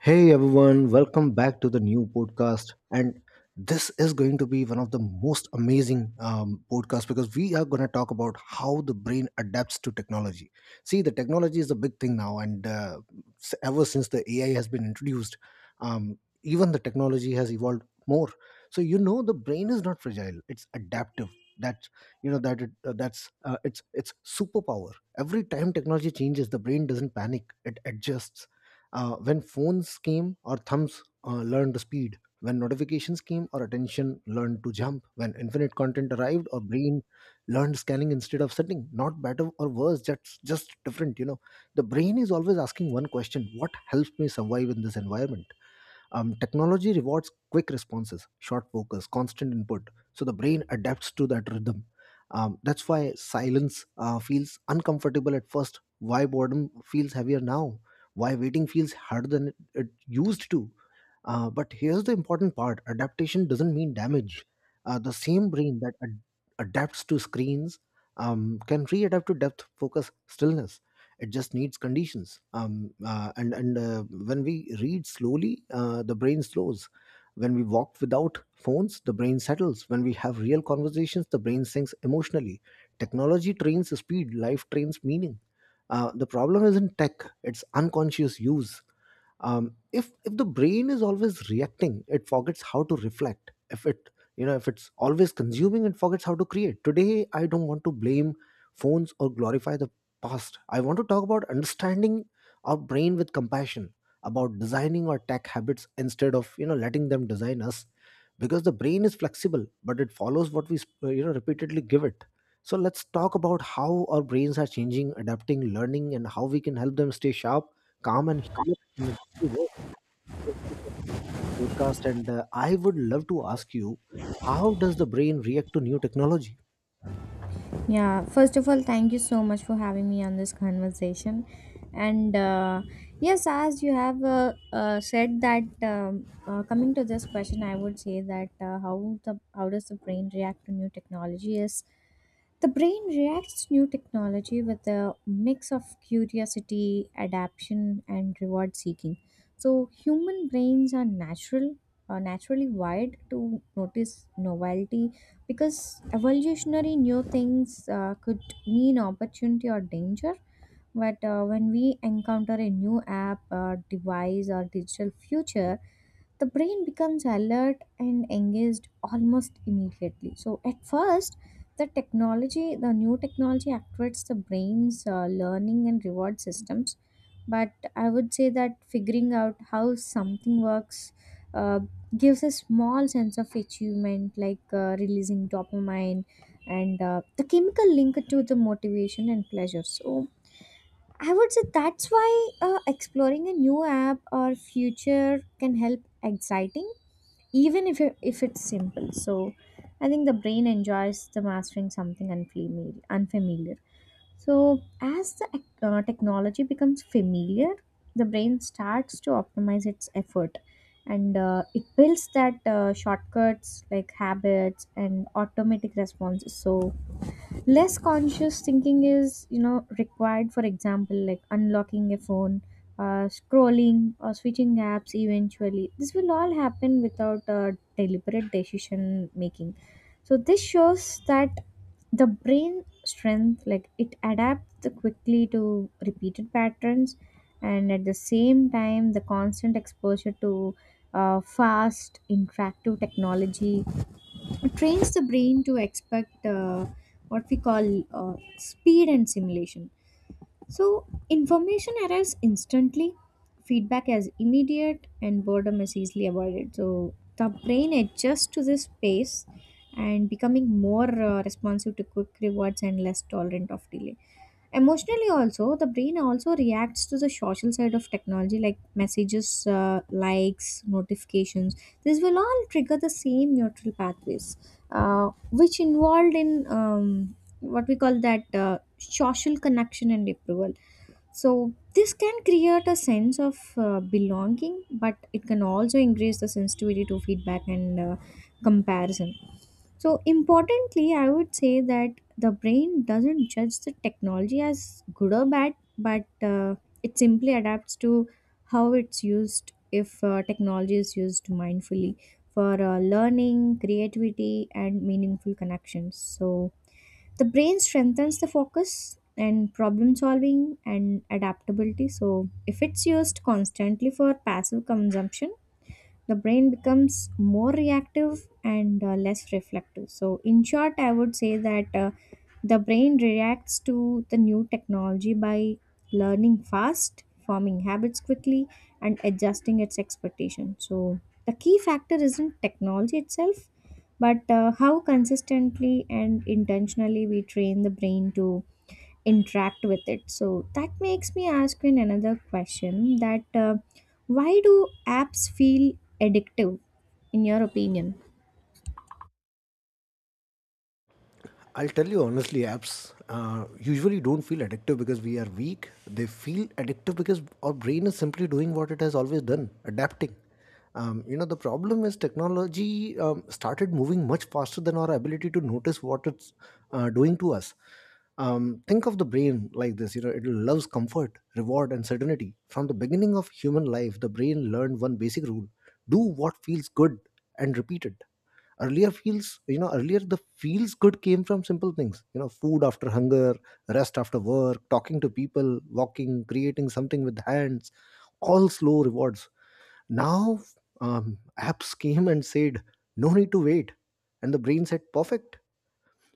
Hey everyone, welcome back to the new podcast. And this is going to be one of the most amazing podcasts because we are going to talk about how the brain adapts to technology. See, the technology is a big thing now, and ever since the AI has been introduced, um, even the technology has evolved more. So the brain is not fragile; it's adaptive. That that it, that's it's superpower. Every time technology changes, the brain doesn't panic; it adjusts. When phones came, our thumbs learned to speed. When notifications came, our attention learned to jump. When infinite content arrived, our brain learned scanning instead of setting. Not better or worse, just different. The brain is always asking one question: what helps me survive in this environment? Technology rewards quick responses, short focus, constant input, so the brain adapts to that rhythm. That's why silence feels uncomfortable at first. Why boredom feels heavier now? Why waiting feels harder than it used to? But here's the important part, adaptation doesn't mean damage. The same brain that adapts to screens can readapt to depth, focus, stillness. It just needs conditions. And when we read slowly, the brain slows. When we walk without phones, the brain settles. When we have real conversations, the brain sinks emotionally. Technology trains speed, life trains meaning. The problem isn't tech, it's unconscious use. If the brain is always reacting, it forgets how to reflect. If it's always consuming, it forgets how to create. Today, I don't want to blame phones or glorify the past. I want to talk about understanding our brain with compassion, about designing our tech habits instead of letting them design us, because the brain is flexible, but it follows what we repeatedly give it. So let's talk about how our brains are changing, adapting, learning, and how we can help them stay sharp, calm, and healed. In a work for the podcast, and I would love to ask you, how does the brain react to new technology? Yeah, first of all, thank you so much for having me on this conversation. And yes, as you have said that, coming to this question, I would say that how does the brain react to new technology is the brain reacts to new technology with a mix of curiosity, adaptation, and reward seeking. So human brains are natural are naturally wired to notice novelty because evolutionary new things could mean opportunity or danger. But when we encounter a new app, or device, or digital future, the brain becomes alert and engaged almost immediately. So at first the new technology activates the brain's learning and reward systems. But I would say that figuring out how something works uh, gives a small sense of achievement, like releasing dopamine and the chemical link to the motivation and pleasure. So I would say that's why exploring a new app or future can help exciting, even if it's simple. So I think the brain enjoys the mastering something unfamiliar. So as the technology becomes familiar, the brain starts to optimize its effort, and it builds that shortcuts like habits and automatic responses. So less conscious thinking is, you know, required, for example, like unlocking a phone, scrolling, or switching apps. Eventually this will all happen without deliberate decision making. So this shows that the brain strength, like it adapts quickly to repeated patterns. And at the same time, the constant exposure to fast interactive technology, it trains the brain to expect what we call speed and simulation. So information arrives instantly, feedback is immediate, and boredom is easily avoided. So the brain adjusts to this pace and becoming more responsive to quick rewards and less tolerant of delay. Emotionally also, the brain also reacts to the social side of technology like messages, likes, notifications. This will all trigger the same neutral pathways, which involved in what we call that social connection and approval. So this can create a sense of belonging, but it can also increase the sensitivity to feedback and comparison. So, importantly, I would say that the brain doesn't judge the technology as good or bad, but it simply adapts to how it's used. If technology is used mindfully for learning, creativity, and meaningful connections, so the brain strengthens the focus and problem solving and adaptability. So, if it's used constantly for passive consumption, the brain becomes more reactive and less reflective. So in short, I would say that the brain reacts to the new technology by learning fast, forming habits quickly, and adjusting its expectation. So, the key factor isn't technology itself, but how consistently and intentionally we train the brain to interact with it. So, that makes me ask you another question, that why do apps feel addictive in your opinion? I'll tell you honestly, apps usually don't feel addictive because we are weak. They feel addictive because our brain is simply doing what it has always done, adapting. The problem is technology started moving much faster than our ability to notice what it's doing to us. Think of the brain like this: it loves comfort, reward, and certainty. From the beginning of human life, the brain learned one basic rule: do what feels good and repeat it. Earlier, the feels good came from simple things: food after hunger, rest after work, talking to people, walking, creating something with hands, all slow rewards. Now, apps came and said, no need to wait, and the brain said, perfect.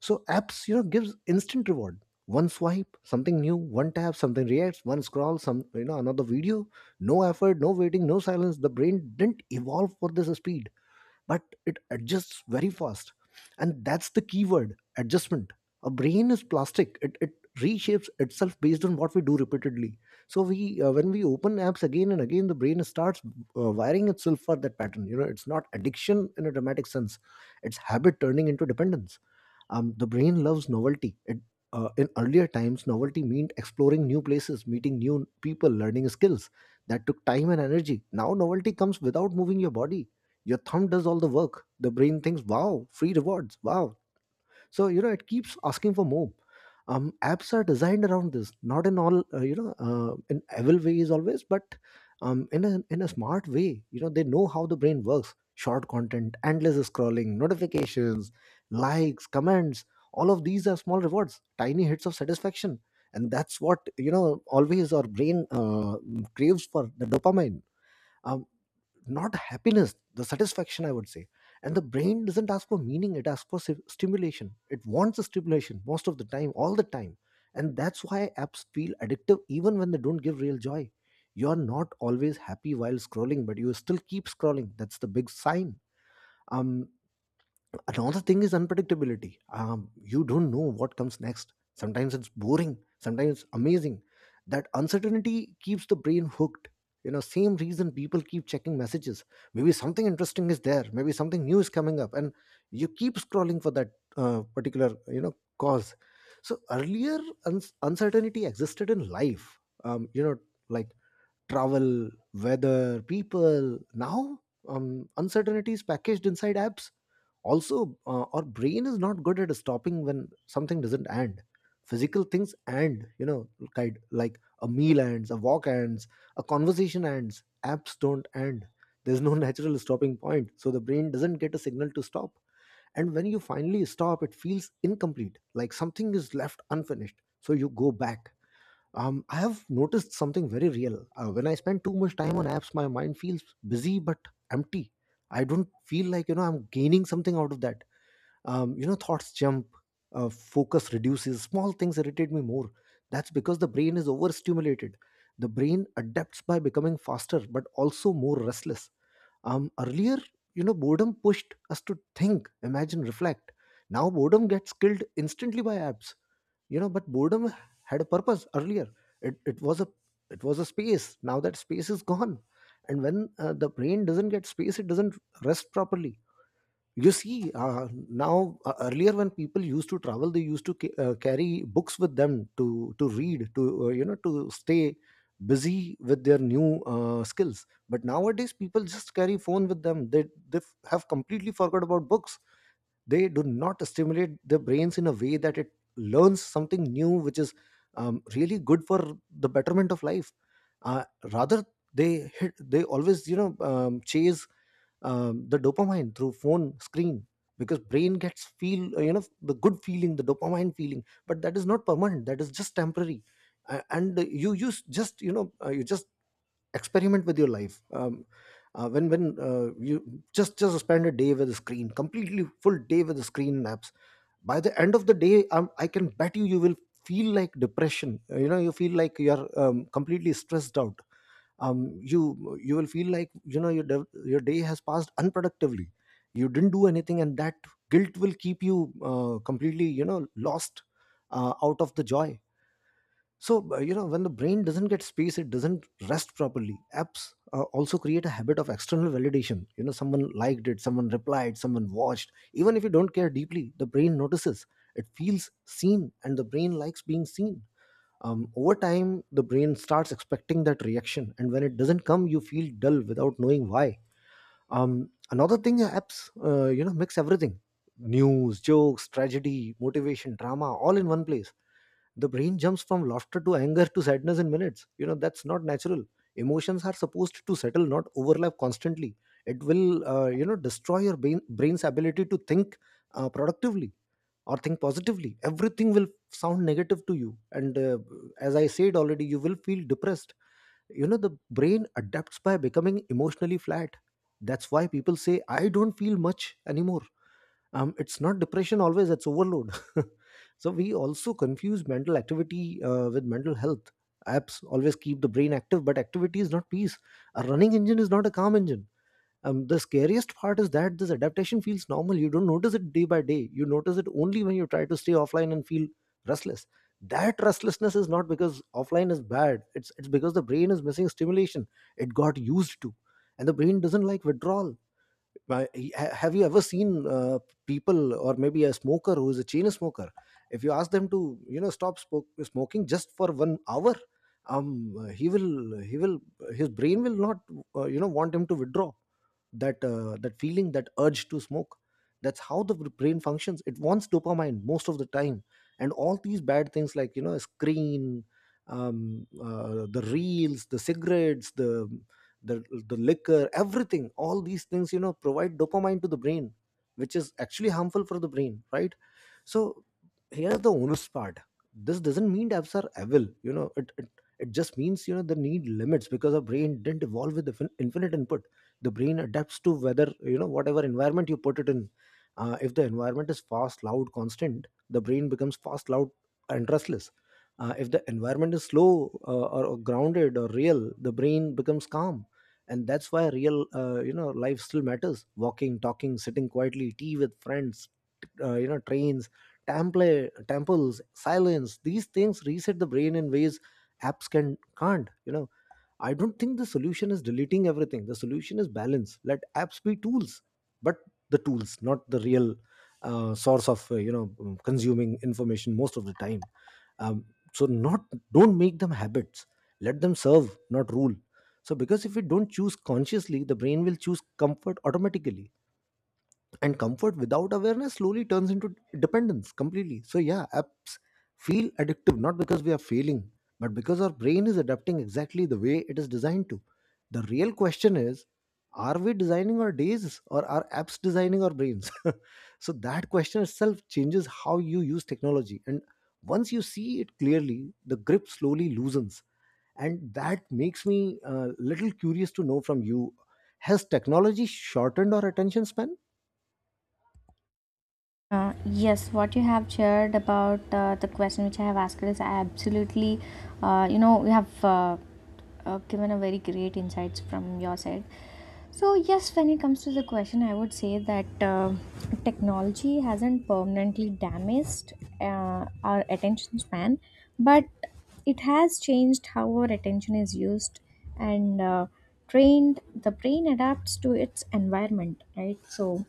So apps gives instant reward. One swipe, something new. One tap, something reacts. One scroll, some you know another video. No effort, no waiting, no silence. The brain didn't evolve for this speed, but it adjusts very fast, and that's the key word, adjustment. A brain is plastic, it reshapes itself based on what we do repeatedly. So we when we open apps again and again, the brain starts wiring itself for that pattern. It's not addiction in a dramatic sense, it's habit turning into dependence. The brain loves novelty. It In earlier times, novelty meant exploring new places, meeting new people, learning skills. That took time and energy. Now novelty comes without moving your body, your thumb does all the work. The brain thinks, wow, free rewards, wow. So it keeps asking for more. Apps are designed around this, not in all in evil ways always, but in a smart way. They know how the brain works: short content, endless scrolling, notifications, likes, comments. All of these are small rewards, tiny hits of satisfaction, and that's what, always our brain craves for, the dopamine. um, Not happiness, the satisfaction, I would say. And the brain doesn't ask for meaning, it asks for stimulation. It wants a stimulation most of the time, all the time. And that's why apps feel addictive, even when they don't give real joy. You're not always happy while scrolling, but you still keep scrolling. That's the big sign. um Another thing is unpredictability. You don't know what comes next. Sometimes it's boring, sometimes it's amazing. That uncertainty keeps the brain hooked. Same reason people keep checking messages. Maybe something interesting is there. Maybe something new is coming up, and you keep scrolling for that particular cause. So earlier, uns uncertainty existed in life. Like travel, weather, people. Now, uncertainty is packaged inside apps. Also, our brain is not good at stopping when something doesn't end. Physical things end, kind like a meal ends, a walk ends, a conversation ends. Apps don't end. There's no natural stopping point, so the brain doesn't get a signal to stop. And when you finally stop, it feels incomplete, like something is left unfinished. So you go back. I have noticed something very real. When I spend too much time on apps, my mind feels busy but empty. I don't feel like, I'm gaining something out of that. Thoughts jump, focus reduces. Small things irritate me more. That's because the brain is overstimulated. The brain adapts by becoming faster but also more restless. Earlier, boredom pushed us to think, imagine, reflect. Now, boredom gets killed instantly by apps. But boredom had a purpose earlier. It, it was a it was a space. Now that space is gone. And when the brain doesn't get space, it doesn't rest properly. You see, now, earlier when people used to travel, they used to carry books with them to read, to to stay busy with their new skills. But nowadays people just carry phone with them. They have completely forgot about books. They do not stimulate the brains in a way that it learns something new, which is really good for the betterment of life. uh, Rather, they always chase the dopamine through phone screen, because brain gets feel, the good feeling, the dopamine feeling, but that is not permanent, that is just temporary. And you just experiment with your life. When you just spend a day with a screen, completely full day with the screen apps, by the end of the day, I can bet you, you will feel like depression. You feel like you are completely stressed out. um, you you will feel like, your your day has passed unproductively, you didn't do anything, and that guilt will keep you completely, lost, out of the joy. So when the brain doesn't get space, it doesn't rest properly. Apps also create a habit of external validation. Someone liked it, someone replied, someone watched. Even if you don't care deeply, the brain notices, it feels seen, and the brain likes being seen. Over time the brain starts expecting that reaction, and when it doesn't come, you feel dull without knowing why. Another thing, apps mix everything: news, jokes, tragedy, motivation, drama, all in one place. The brain jumps from laughter to anger to sadness in minutes. That's not natural. Emotions are supposed to settle, not overlap constantly. It will destroy your brain's ability to think productively, or think positively. Everything will sound negative to you, and as I said already, you will feel depressed. The brain adapts by becoming emotionally flat. That's why people say, I don't feel much anymore. It's not depression always, it's overload So we also confuse mental activity with mental health. Apps always keep the brain active, but activity is not peace. A running engine is not a calm engine. The scariest part is that this adaptation feels normal. You don't notice it day by day, you notice it only when you try to stay offline and feel restless. That restlessness is not because offline is bad, it's because the brain is missing stimulation it got used to, and the brain doesn't like withdrawal. Have you ever seen people, or maybe a smoker who is a chain smoker? If you ask them to stop smoking just for 1 hour, um he will his brain will not want him to withdraw, that that feeling, that urge to smoke. That's how the brain functions. It wants dopamine most of the time, and all these bad things like screen, the reels, the cigarettes, the the liquor, everything, all these things provide dopamine to the brain, which is actually harmful for the brain, right? So here's the onus part. This doesn't mean apps are evil, you know, it just means they need limits, because our brain didn't evolve with the infinite input. The brain adapts to whether whatever environment you put it in. If the environment is fast, loud, constant, the brain becomes fast, loud, and restless. If the environment is slow, or grounded or real, the brain becomes calm. And that's why real life still matters. Walking, talking, sitting quietly, tea with friends, trains, temples, silence, these things reset the brain in ways apps can't, you know. I don't think the solution is deleting everything. The solution is balance. Let apps be tools, but the tools, not the real source of consuming information most of the time. um, so not, don't make them habits. Let them serve, not rule. So because if we don't choose consciously, the brain will choose comfort automatically, and comfort without awareness slowly turns into dependence completely. So yeah, apps feel addictive, not because we are failing, but because our brain is adapting exactly the way it is designed to. The real question is, are we designing our days, or are apps designing our brains? So that question itself changes how you use technology, and once you see it clearly, the grip slowly loosens. And that makes me a little curious to know from you, has technology shortened our attention span? Yes, what you have shared about the question which I have asked is absolutely, you know, you have given a very great insights from your side. So yes, when it comes to the question, I would say that technology hasn't permanently damaged our attention span, but it has changed how our attention is used and trained. The brain adapts to its environment, right? So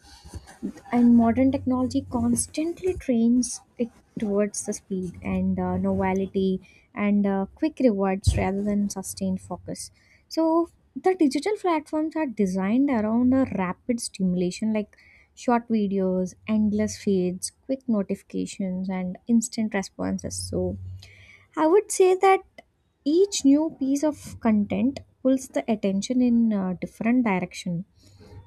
and modern technology constantly trains it towards the speed and novelty and quick rewards rather than sustained focus. So the digital platforms are designed around a rapid stimulation, like short videos, endless feeds, quick notifications, and instant responses. So I would say that each new piece of content pulls the attention in a different direction.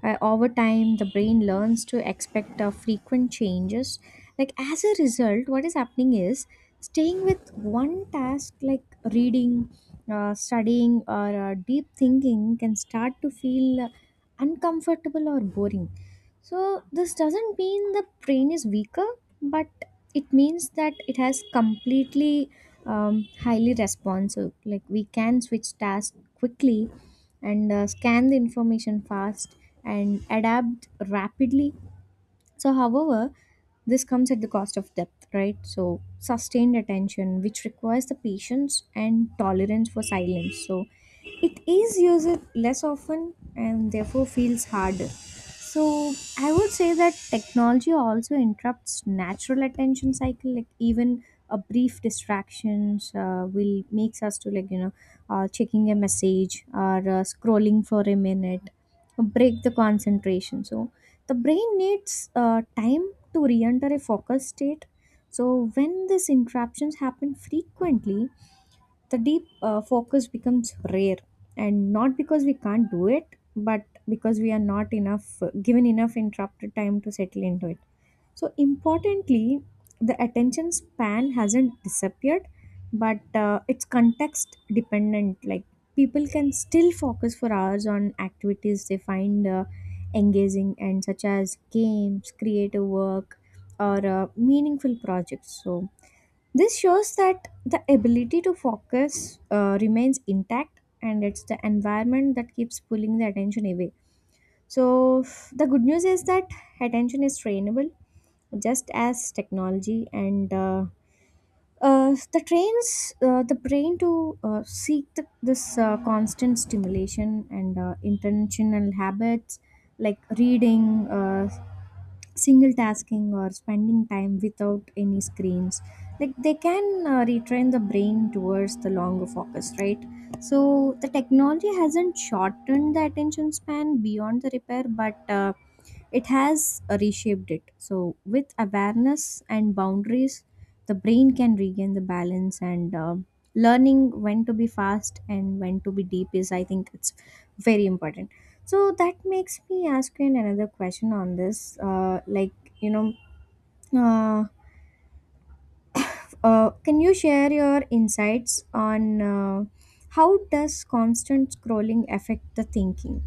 Over time, the brain learns to expect frequent changes. Like, as a result, what is happening is staying with one task, like reading, studying, or deep thinking, can start to feel uncomfortable or boring. So this doesn't mean the brain is weaker, but it means that it has completely highly responsive, like we can switch tasks quickly and scan the information fast and adapt rapidly. So, however, this comes at the cost of depth, right? So, sustained attention, which requires the patience and tolerance for silence, so it is used less often and therefore feels harder. So, I would say that technology also interrupts natural attention cycle. Like even a brief distractions will makes us to, like, you know, checking a message or scrolling for a minute, break the concentration. So the brain needs time to re-enter a focus state. So when these interruptions happen frequently, the deep focus becomes rare, and not because we can't do it, but because we are not enough given enough interrupted time to settle into it. So importantly, the attention span hasn't disappeared, but it's context dependent. Like people can still focus for hours on activities they find engaging, and such as games, creative work, or meaningful projects. So this shows that the ability to focus remains intact, and it's the environment that keeps pulling the attention away. So, the good news is that attention is trainable. Just as technology and the trains the brain to seek this constant stimulation, and intentional habits like reading, single tasking, or spending time without any screens, like they can retrain the brain towards the longer focus, right? So the technology hasn't shortened the attention span beyond the repair, but it has reshaped it. So, with awareness and boundaries, the brain can regain the balance, and learning when to be fast and when to be deep is, I think, it's very important. So, that makes me ask you another question on this. Like, you know, uh, can you share your insights on how does constant scrolling affect the thinking?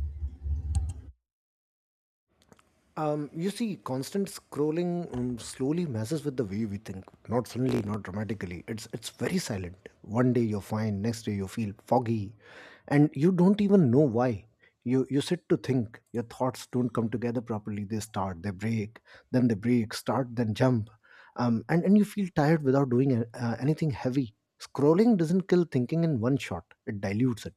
You see, constant scrolling slowly messes with the way we think. Not suddenly, not dramatically. It's very silent. One day you're fine, next day you feel foggy, and you don't even know why. You sit to think. Your thoughts don't come together properly. They start, they break, then they break, start, then jump, and you feel tired without doing anything heavy. Scrolling doesn't kill thinking in one shot. It dilutes it.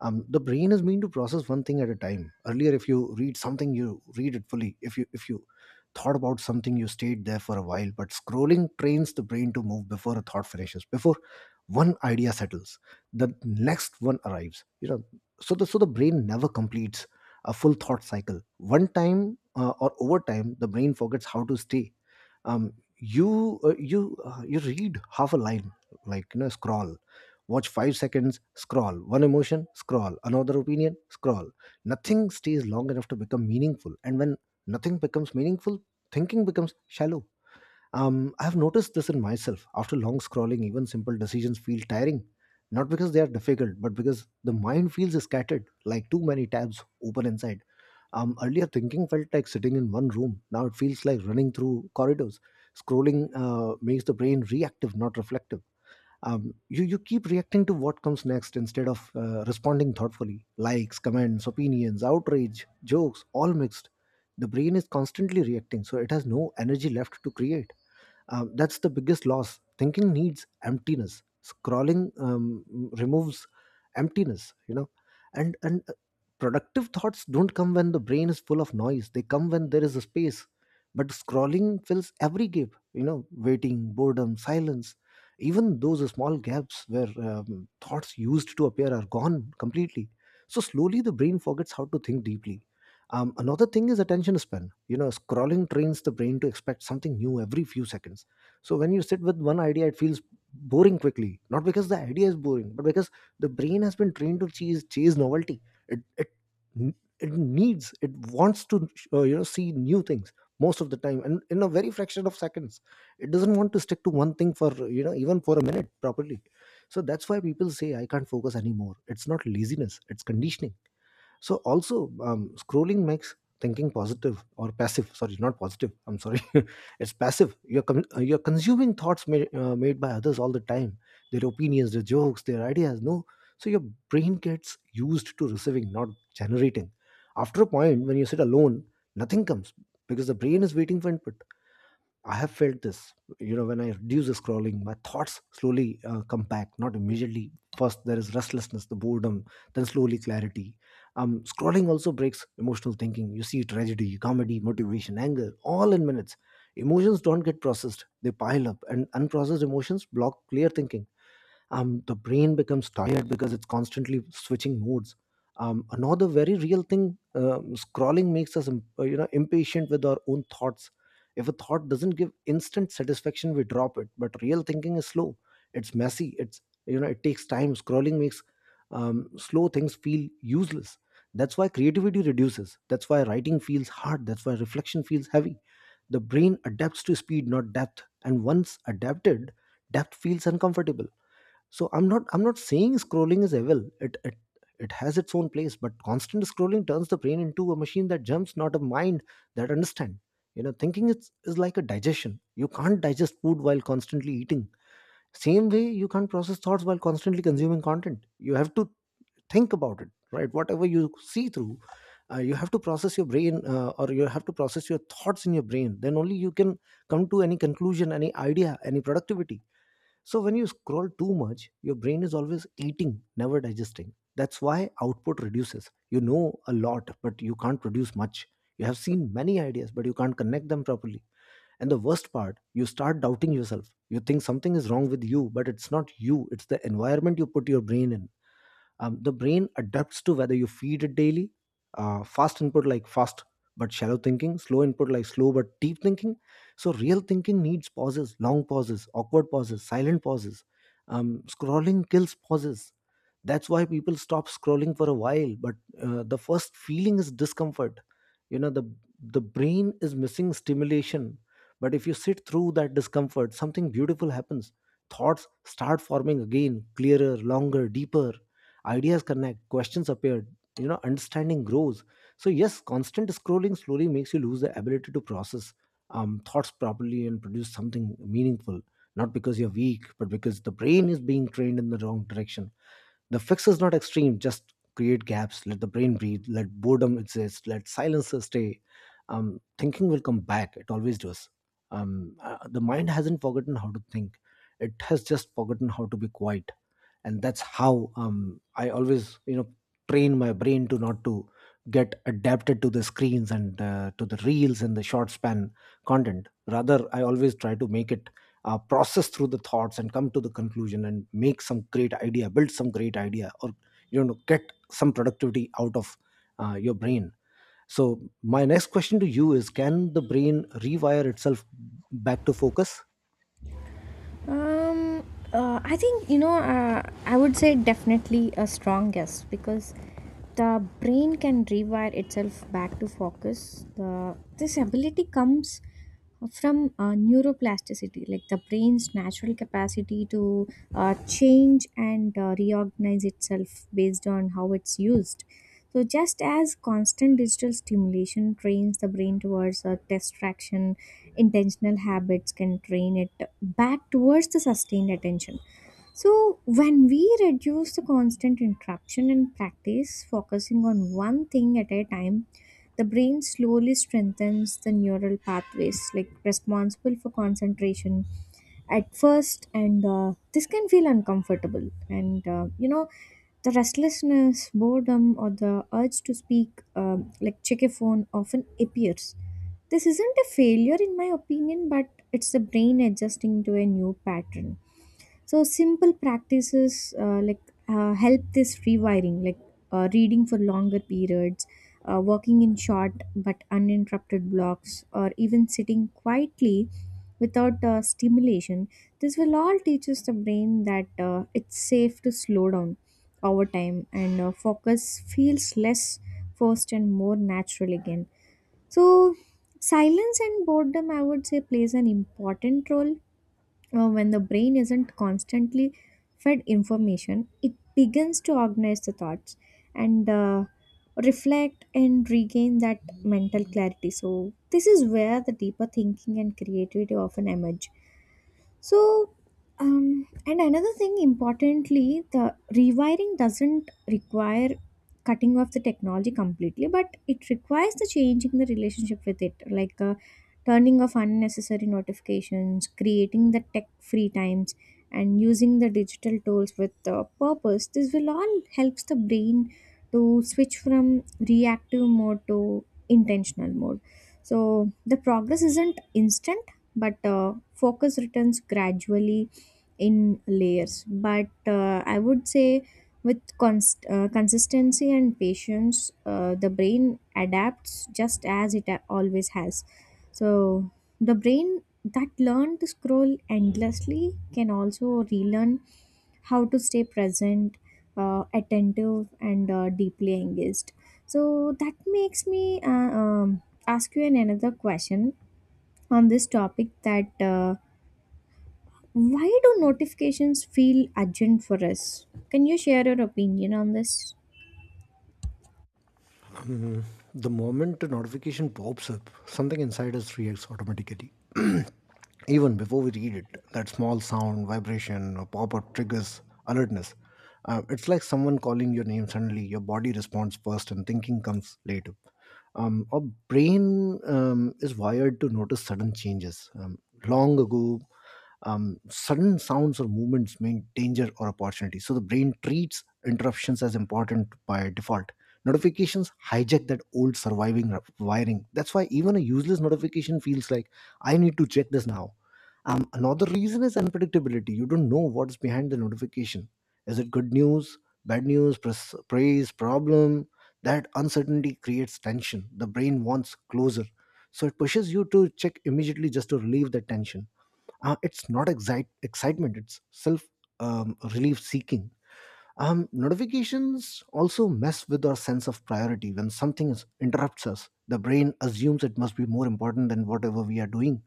The brain is meant to process one thing at a time. Earlier, if you read something, you read it fully. If you thought about something, you stayed there for a while. But scrolling trains the brain to move before a thought finishes, before one idea settles, the next one arrives, you know. So the brain never completes a full thought cycle. One time or over time, the brain forgets how to stay. Um, you uh, you uh, you read half a line, like scroll. Watch 5 seconds, scroll, one emotion, scroll, another opinion, scroll. Nothing stays long enough to become meaningful. And when nothing becomes meaningful, thinking becomes shallow. I've noticed this in myself. After long scrolling, even simple decisions feel tiring. Not because they are difficult, but because the mind feels scattered, like too many tabs open inside. Earlier, thinking felt like sitting in one room. Now it feels like running through corridors. Scrolling makes the brain reactive, not reflective. You keep reacting to what comes next instead of responding thoughtfully. Likes, comments, opinions, outrage, jokes, all mixed. The brain is constantly reacting, so it has no energy left to create. That's the biggest loss. Thinking needs emptiness. Scrolling removes emptiness. You know, and productive thoughts don't come when the brain is full of noise. They come when there is a space. But scrolling fills every gap. You know, waiting, boredom, silence. Even those small gaps where thoughts used to appear are gone completely. So slowly, the brain forgets how to think deeply. Another thing is attention span. You know, scrolling trains the brain to expect something new every few seconds. So when you sit with one idea, it feels boring quickly. Not because the idea is boring, but because the brain has been trained to chase novelty. It it it needs, it wants to see new things most of the time, and in a very fraction of seconds. It doesn't want to stick to one thing for, even for a minute properly. So that's why people say I can't focus anymore. It's not laziness, it's conditioning. So also, scrolling makes thinking positive or passive. Sorry, not positive, I'm sorry. It's passive. You're consuming thoughts made by others all the time, their opinions, their jokes, their ideas, no. So your brain gets used to receiving, not generating. After a point, when you sit alone, nothing comes, because the brain is waiting for input. I have felt this, you know, when I reduce the scrolling, my thoughts slowly come back, not immediately. First, there is restlessness, the boredom, then slowly clarity. Scrolling also breaks emotional thinking. You see tragedy, comedy, motivation, anger, all in minutes. Emotions don't get processed, they pile up, and unprocessed emotions block clear thinking. The brain becomes tired because it's constantly switching modes. Another very real thing, scrolling makes us impatient with our own thoughts. If a thought doesn't give instant satisfaction, we drop it. But real thinking is slow, it's messy, it's, it takes time. Scrolling makes slow things feel useless. That's why creativity reduces, that's why writing feels hard, that's why reflection feels heavy. The brain adapts to speed, not depth, and once adapted, depth feels uncomfortable. So I'm not saying scrolling is evil. It has its own place, but constant scrolling turns the brain into a machine that jumps, not a mind that understand, you know. Thinking is like a digestion. You can't digest food while constantly eating. Same way, you can't process thoughts while constantly consuming content. You have to think about it, right? Whatever you see through, you have to process your brain or you have to process your thoughts in your brain, then only you can come to any conclusion, any idea, any productivity. So when you scroll too much, your brain is always eating, never digesting. That's why output reduces. You know a lot, but you can't produce much. You have seen many ideas, but you can't connect them properly. And the worst part, you start doubting yourself. You think something is wrong with you, but it's not you, it's the environment you put your brain in. The brain adapts to whether you feed it daily. Fast input, like fast but shallow thinking. Slow input, like slow but deep thinking. So real thinking needs pauses, long pauses, awkward pauses, silent pauses. Scrolling kills pauses. That's why people stop scrolling for a while. But the first feeling is discomfort. You know, the brain is missing stimulation. But if you sit through that discomfort, something beautiful happens. Thoughts start forming again, clearer, longer, deeper. Ideas connect, questions appear, you know, understanding grows. So yes, constant scrolling slowly makes you lose the ability to process thoughts properly and produce something meaningful, not because you're weak, but because the brain is being trained in the wrong direction. The fix is not extreme, just create gaps, let the brain breathe, let boredom exist, let silence stay. Thinking will come back, it always does. The mind hasn't forgotten how to think, it has just forgotten how to be quiet. And that's how, I always, you know, train my brain to not to get adapted to the screens, and to the reels and the short span content. Rather, I always try to make it process through the thoughts and come to the conclusion and make some great idea, build some great idea, or you know, get some productivity out of your brain. So my next question to you is, can the brain rewire itself back to focus? Um, I think, you know, I would say definitely a strong yes, because the brain can rewire itself back to focus. This ability comes from neuroplasticity, like the brain's natural capacity to change and reorganize itself based on how it's used. So, just as constant digital stimulation trains the brain towards distraction, intentional habits can train it back towards the sustained attention. So, when we reduce the constant interruption and practice focusing on one thing at a time, the brain slowly strengthens the neural pathways like responsible for concentration at first, and this can feel uncomfortable. And you know, the restlessness, boredom, or the urge to speak like check a phone often appears. This isn't a failure, in my opinion, but it's the brain adjusting to a new pattern. So simple practices like help this rewiring, like reading for longer periods, working in short but uninterrupted blocks, or even sitting quietly without stimulation. This will all teaches the brain that it's safe to slow down over time, and focus feels less forced and more natural again. So silence and boredom, I would say, plays an important role. When the brain isn't constantly fed information, it begins to organize the thoughts and reflect and regain that mental clarity. So, this is where the deeper thinking and creativity often emerge. So, and another thing importantly, the rewiring doesn't require cutting off the technology completely, but it requires the changing the relationship with it, like turning off unnecessary notifications, creating the tech free times, and using the digital tools with the purpose. This will all helps the brain to switch from reactive mode to intentional mode. So the progress isn't instant, but focus returns gradually in layers. But I would say, with consistency and patience, the brain adapts, just as always has. So the brain that learned to scroll endlessly can also relearn how to stay present, attentive, and deeply engaged. So that makes me ask you an another question on this topic, that why do notifications feel urgent for us? Can you share your opinion on this? The moment a notification pops up, something inside us reacts automatically, even before we read it. That small sound, vibration, or pop-up triggers alertness. It's like someone calling your name. Suddenly your body responds first and thinking comes later. Our brain is wired to notice sudden changes. Long ago, sudden sounds or movements mean danger or opportunity, so the brain treats interruptions as important by default. Notifications hijack that old surviving wiring. That's why even a useless notification feels like I need to check this now. Another reason is unpredictability. You don't know what's behind the notification. Is it good news, bad news, praise, problem? That uncertainty creates tension. The brain wants closure. So it pushes you to check immediately just to relieve that tension. It's not excitement, it's self, relief seeking. Notifications also mess with our sense of priority. When interrupts us, the brain assumes it must be more important than whatever we are doing,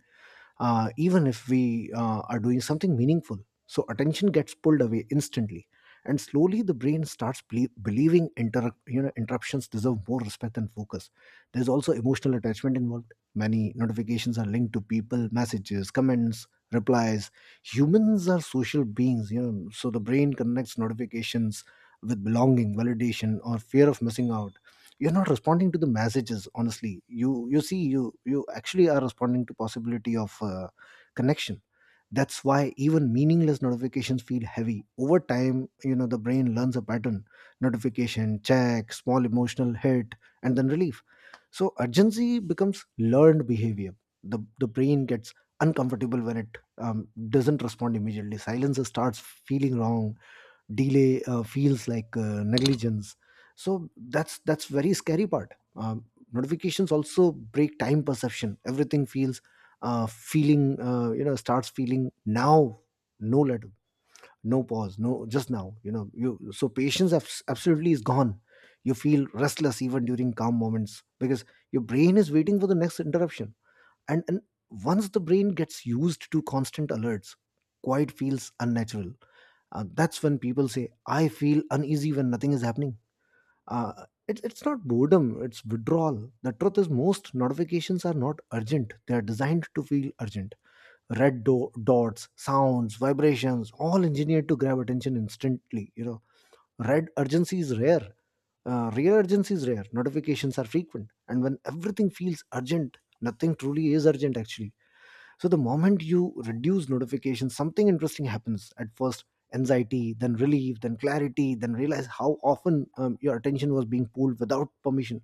even if we are doing something meaningful. So attention gets pulled away instantly, and slowly the brain starts believing you know, interruptions deserve more respect and focus. There's also emotional attachment involved. Many notifications are linked to people, messages, comments, replies. Humans are social beings, you know, so the brain connects notifications with belonging, validation, or fear of missing out. You're not responding to the messages honestly. You see, you actually are responding to possibility of connection. That's why even meaningless notifications feel heavy over time. You know, the brain learns a pattern. Notification, check, small emotional hit, and then relief. So urgency becomes learned behavior. The the brain gets uncomfortable when it, um, doesn't respond immediately. Silence starts feeling wrong, delay feels like negligence. So that's very scary part. Notifications also break time perception. Everything feels, feeling you know, starts feeling now, no letter, no pause, no just now, you know. You So patience, absolutely, is gone. You feel restless even during calm moments because your brain is waiting for the next interruption. And once the brain gets used to constant alerts, quiet feels unnatural. Uh, that's when people say, I feel uneasy when nothing is happening. Uh, it's not boredom, it's withdrawal. The truth is, most notifications are not urgent, they are designed to feel urgent. Red dots, sounds, vibrations, all engineered to grab attention instantly. You know, red urgency is rare. Real urgency is rare. Notifications are frequent. And when everything feels urgent, nothing truly is urgent actually. So the moment you reduce notifications, something interesting happens. At first, anxiety, then relief, then clarity, then realize how often, your attention was being pulled without permission.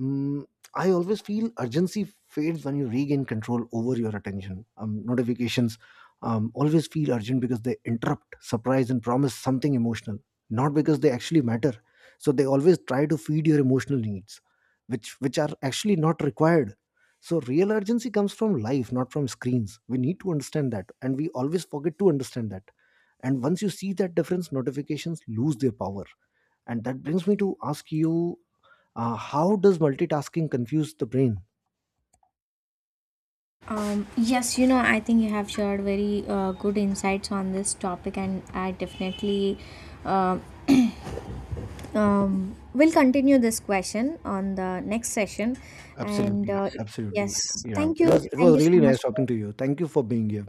Mm, I always feel urgency fades when you regain control over your attention. Notifications always feel urgent because they interrupt, surprise, and promise something emotional, not because they actually matter. So they always try to feed your emotional needs, which are actually not required. So real urgency comes from life, not from screens. We need to understand that, and we always forget to understand that. And once you see that difference, notifications lose their power. And that brings me to ask you, how does multitasking confuse the brain? Yes, you know, I think you have shared very good insights on this topic, and I definitely uh, will continue this question on the next session. And Absolutely, absolutely. yes, Yeah, thank it you. was it Thank was you so really much nice talking for to you. Thank you for being here.